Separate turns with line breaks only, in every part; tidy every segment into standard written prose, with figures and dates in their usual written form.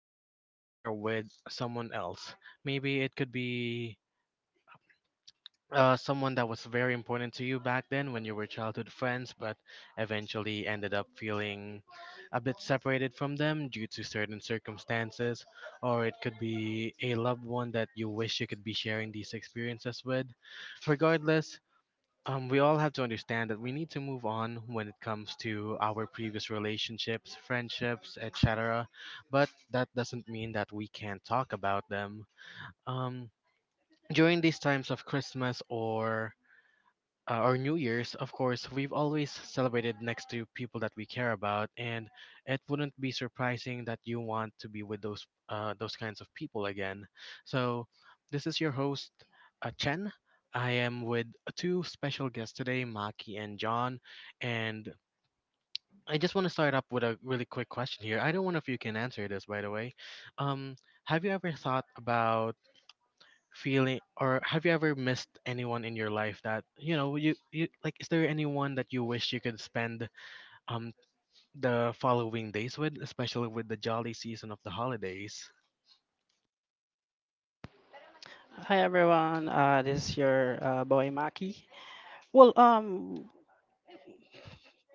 wish that you could share with someone else. Maybe it could be someone that was very important to you back then when you were childhood friends, but eventually ended up feeling a bit separated from them due to certain circumstances, or it could be a loved one that you wish you could be sharing these experiences with. Regardless, we all have to understand that we need to move on when it comes to our previous relationships, friendships, etc. But that doesn't mean that we can't talk about them. Um, During these times of Christmas or New Year's, of course, we've always celebrated next to people that we care about, and it wouldn't be surprising that you want to be with those kinds of people again. So, this is your host, Chen. I am with two special guests today, Maki and John, and I just want to start up with a really quick question here. I don't know if you can answer this, by the way. Um, have you ever thought about feeling or have you ever missed anyone in your life that you know you, you like is there anyone that you wish you could spend um the following days with, especially with the jolly season of the holidays?
Hi everyone, this is your boy Maki. Well, um,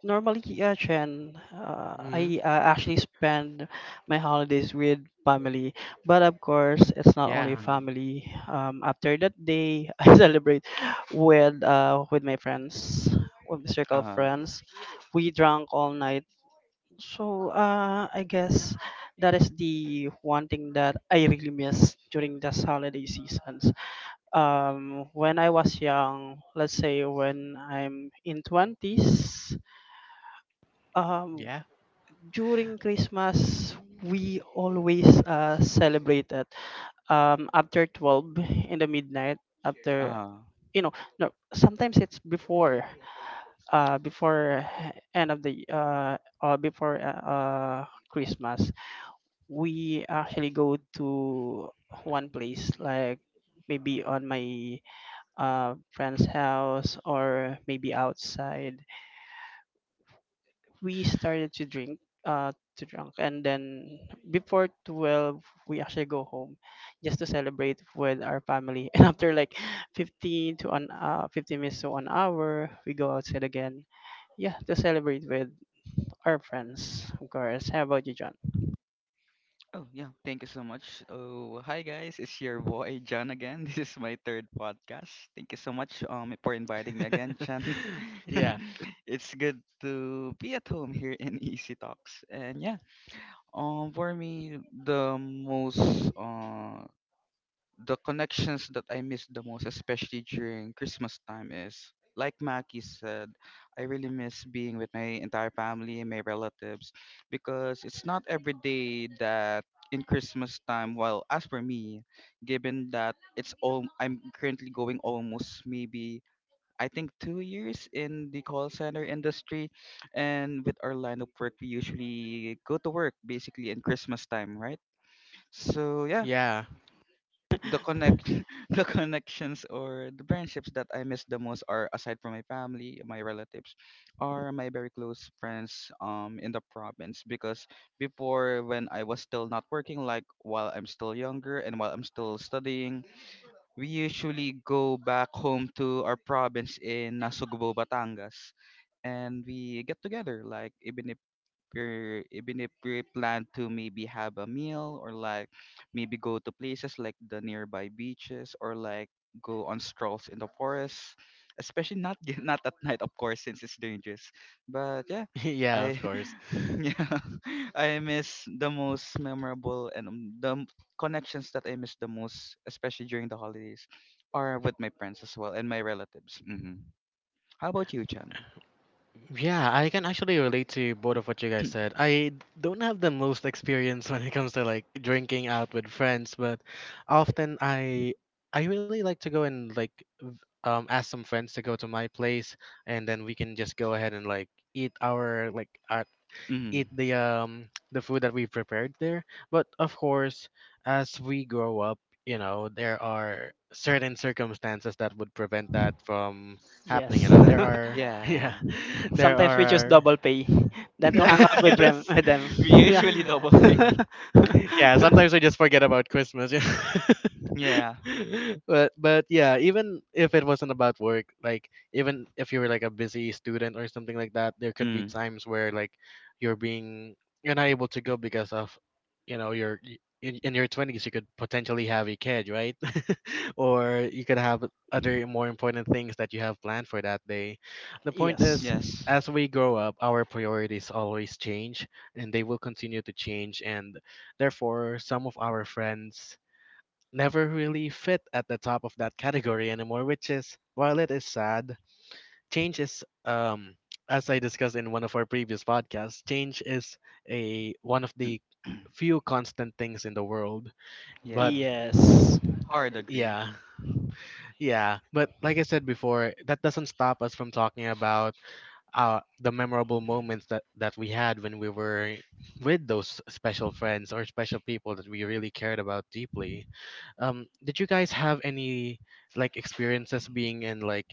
normally, yeah, Chen, uh,
Mm.
I uh, actually spend my holidays with family, but of course, it's not only
Yeah.
Mm-hmm.
family. After that day, I celebrate with my friends, with the circle of
Uh-huh.
friends. We drank all night, so I guess that is the one thing that I really miss during this holiday season when I was young, let's say when I'm in 20s, um,
Yeah.
during Christmas, we always celebrate it after 12 in the midnight, after,
Uh-huh.
you know, no, sometimes it's before, before end of the, before Christmas. We actually go to one place, like maybe on my friend's house or maybe outside. We started to drink, to drunk, and then before 12, we actually go home, just to celebrate with our family. And after like 15 minutes to an hour, we go outside again, yeah, to celebrate with our friends, of course. How about you, John?
Oh, yeah, thank you so much. Oh, hi guys. It's your boy John again. This is my third podcast. Thank you so much for inviting me again, Chan.
Yeah.
It's good to be at home here in Easy Talks. And yeah, for me the most the connections that I miss the most, especially during Christmas time, is like Mackie said, I really miss being with my entire family and my relatives because it's not every day that in Christmas time. Well, as for me, given that it's all I'm currently going almost maybe I think 2 years in the call center industry, and with our line of work, we usually go to work basically in Christmas time, right? So yeah,
Yeah.
the connect the connections or the friendships that I miss the most are aside from my family, my relatives, are my very close friends in the province because before when I was still not working like while I'm still younger and while I'm still studying, we usually go back home to our province in Nasugbo, Batangas, and we get together like even if you're even if we plan to maybe have a meal, or like maybe go to places like the nearby beaches, or like go on strolls in the forest, especially not not at night of course, since it's dangerous. But yeah,
Yeah,
I
of course.
yeah, I miss the most memorable and connections that I miss the most, especially during the holidays, are with my friends as well and my relatives. Hmm, how about you, Chan?
Yeah, I can actually relate to both of what you guys said. I don't have the most experience when it comes to like drinking out with friends, but often I really like to go and like v- ask some friends to go to my place, and then we can just go ahead and like eat our like eat
Mm-hmm.
the food that we prepared there. But of course, as we grow up, there are certain circumstances that would prevent that from happening, you
Yes.
know. There are
Yeah.
yeah, there
Sometimes we choose
are
double pay than to
yeah.
hang out with them.
Yes.
With them.
We
yeah.
usually double pay.
Mm. Yeah, sometimes we just forget about Christmas. Yeah.
Yeah.
but yeah, even if it wasn't about work, like even if you were like a busy student or something like that, there could be
Mm.
times where like you're being you're not able to go because of in your 20s. You could potentially have a kid, right? Or you could have other more important things that you have planned for that day. The point
Yes.
is,
Yes.
Yes.
as we grow up, our priorities always change, and they will continue to change, and therefore some of our friends never really fit at the top of that category anymore, which is, while it is sad, change is, as I discussed in one of our previous podcasts, change is a one of the few constant things in the world.
Yeah.
But
Yes.
Hard agree.
yeah. Yeah. But like I said before, that doesn't stop us from talking about the memorable moments that we had when we were with those special friends or special people that we really cared about deeply. Did you guys have any like experiences being in like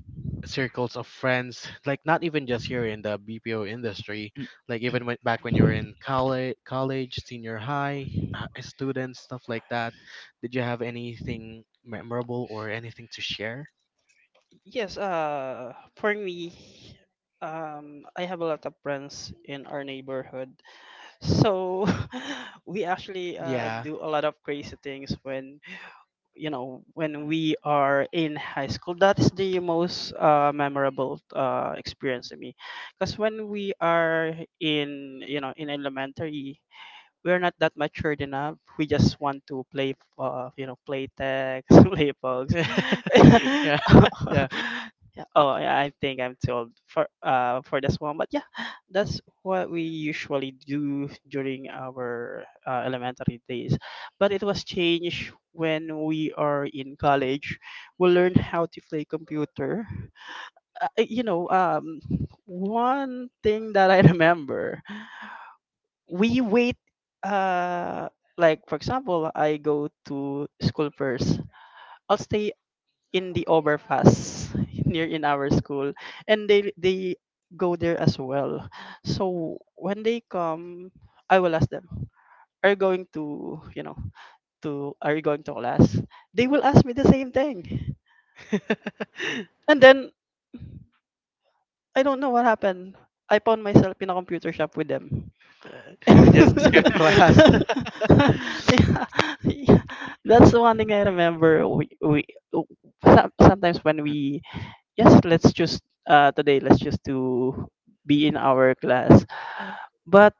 circles of friends, like not even just here in the BPO industry,
Mm.
like even back when you were in college, senior high, students, stuff like that? Did you have anything memorable or anything to share?
Yes. For me I have a lot of friends in our neighborhood. So we actually
Yeah.
do a lot of crazy things when when we are in high school. That is the most memorable experience to me. Cuz when we are in in elementary we're not that matured enough. We just want to play, play text, play pogs.
Yeah. Yeah.
Yeah, oh, yeah, I think I'm too old for this one. But yeah, that's what we usually do during our elementary days. But it was changed when we are in college. We learn how to play computer. Uh, you know, um, one thing that I remember we wait uh like for example I go to school first. I'll stay in the overpass near in our school, and they go there as well. So when they come, I will ask them, are you going to are you going to class? They will ask me the same thing. And then I don't know what happened. I found myself in a computer shop with them.
Uh,
Yeah,
just skip class.
yeah. That's the one thing I remember. W- Sometimes when we, yes, let's choose today. Let's choose to be in our class. But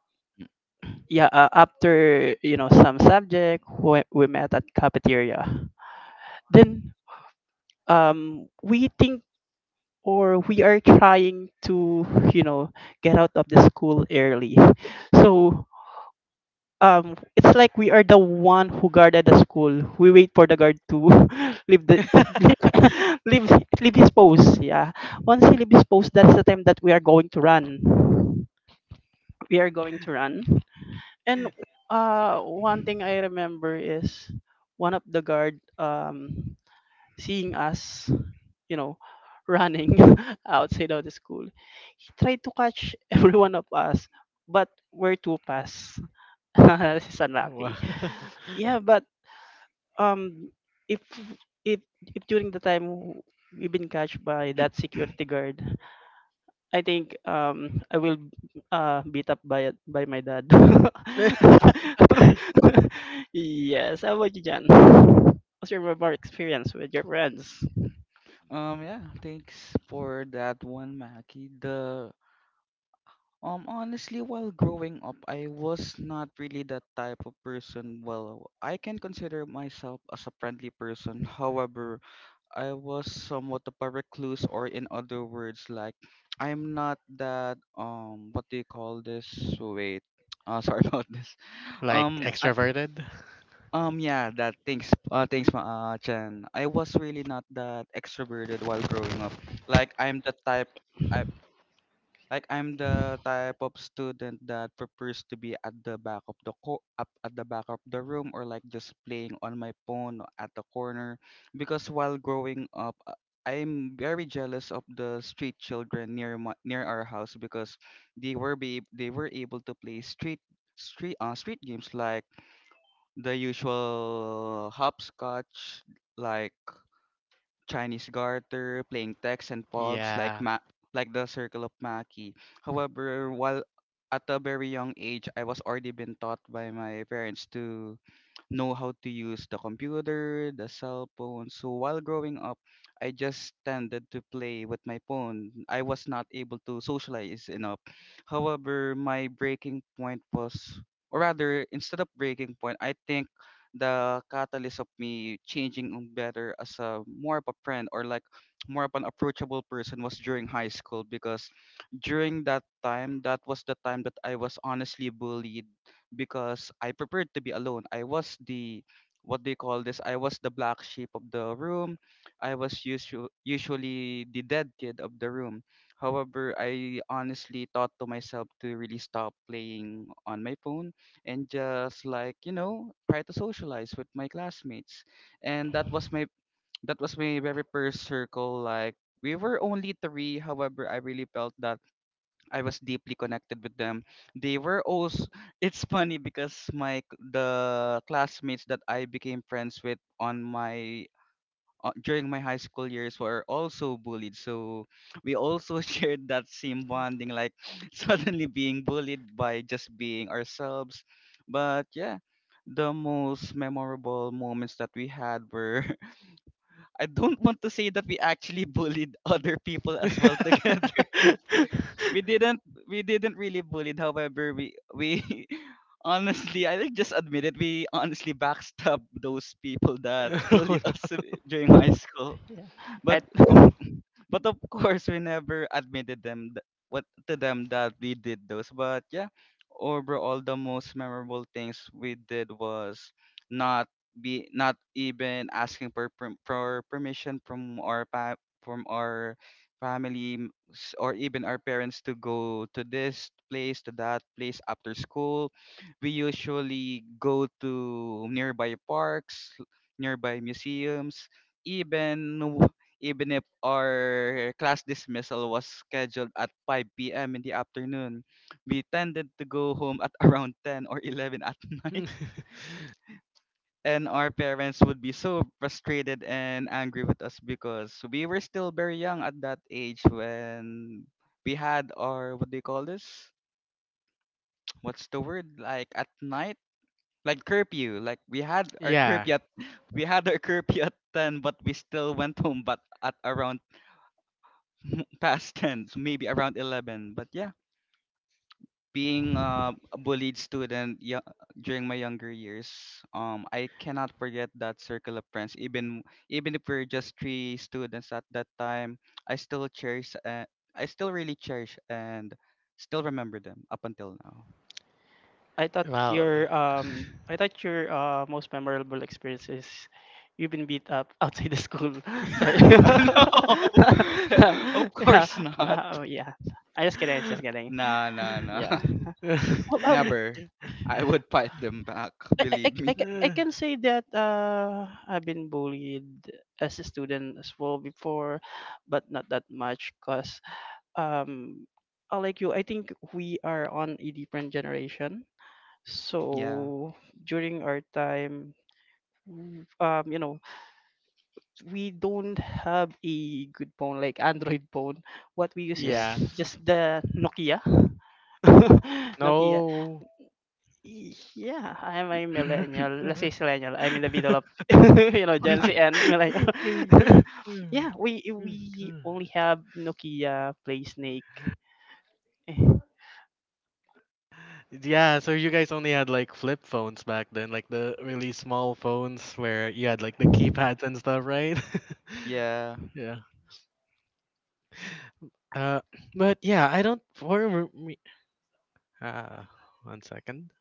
yeah, after some subject, we met at cafeteria. Then we think, or we are trying to you know get out of the school early. So it's like we are the one who guarded the school. We wait for the guard to leave the leave leave his post, yeah. Once he leaves his post, that's the time that we are going to run. We are going to run. And one thing I remember is one of the guard seeing us, you know running outside of the school. He tried to catch every one of us, but we're too fast. This is
Wow.
unlucky. Yeah, but um, if if if during the time we've been catched by
Mm,
that
mm.
security guard, I think I will beat up by my dad. Yes. How about you, Jan? What's your more experience with your friends?
Yeah, thanks for that one, Mackie. The Honestly, while growing up I was not really that type of person. Well, I can consider myself as a friendly person. However, I was somewhat of a recluse, or in other words, like I'm not that what do you call this? Wait, sorry about this.
Like
I
extroverted?
Yeah, that thanks thanks ma Chen. I was really not that extroverted while growing up. Like I'm the type. I. Like I'm the type of student that prefers to be at the back of the co- up at the back of the room, or like just playing on my phone at the corner, because while growing up I'm very jealous of the street children near near our house because they were able to play street games like the usual hopscotch, like Chinese garter, playing tex and pogs,
Yeah.
like the circle of Maki. However, while at a very young age, I was already been taught by my parents to know how to use the computer, the cell phone. So while growing up, I just tended to play with my phone. I was not able to socialize enough. However, my breaking point was, or rather, instead of breaking point, I think the catalyst of me changing on better as a more of a friend, or like more of an approachable person, was during high school because during that time, that was the time that I was honestly bullied because I prepared to be alone. I was the what do you call this? I was the black sheep of the room. I was usually the dead kid of the room. However, I honestly thought to myself to really stop playing on my phone and just like, you know, try to socialize with my classmates. And that was my very first circle. Like we were only three, however, I really felt that I was deeply connected with them. They were also it's funny because the classmates that I became friends with on my during my high school years were also bullied. So we also shared that same bonding, like suddenly being bullied by just being ourselves. But yeah, the most memorable moments that we had were I don't want to say that we actually bullied other people as well together. we didn't we didn't really bullied. However, we honestly I think just admit it. We honestly backstabbed those people that
Oh,
bullied us during high school.
Yeah.
But
I
but of course, we never admitted what to them, that we did those. But yeah, overall, the most memorable things we did was not be not even asking for, for permission from our from our or even our parents to go to this place, to that place after school. We usually go to nearby parks, nearby museums. Even even if our class dismissal was scheduled at 5 p.m. in the afternoon, we tended to go home at around 10 or 11 at
no.
night. And our parents would be so frustrated and angry with us because we were still very young at that age when we had our, what do you call this? What's the word? Like at night? Like curfew. Like
Yeah.
we had our curfew at 10, but we still went home but at around past tense, maybe around 11. But yeah, being a bullied student during my younger years, I cannot forget that circle of friends. Even even if we're just three students at that time, I still cherish. I still really cherish and still remember them up until now.
Wow.
I thought your most memorable experience is you've been beat up outside the school. Sorry.
No, of
Yeah.
course not.
Oh, yeah. I just kidding. Just kidding.
Nah, nah, nah.
Yeah. Well, um,
Never. I would fight them back. Believe me.
I can say that I've been bullied as a student as well before, but not that much. Cause um, like you, I think we are on a different generation.
Yeah.
So during our time, w- um, you know, we don't have a good phone like Android phone. What we use is
Yeah.
Yes.
just the Nokia. Nokia.
No.
Yeah, I'm a millennial. Let's say millennial. I'm in the middle of Gen Z and millennial. Yeah, we only have Nokia Play Snake.
Yeah, so you guys only had like flip phones back then, like the really small phones where you had like the keypads and stuff, right?
Yeah,
Yeah. Uh, but yeah, I don't for me. Uh, one second.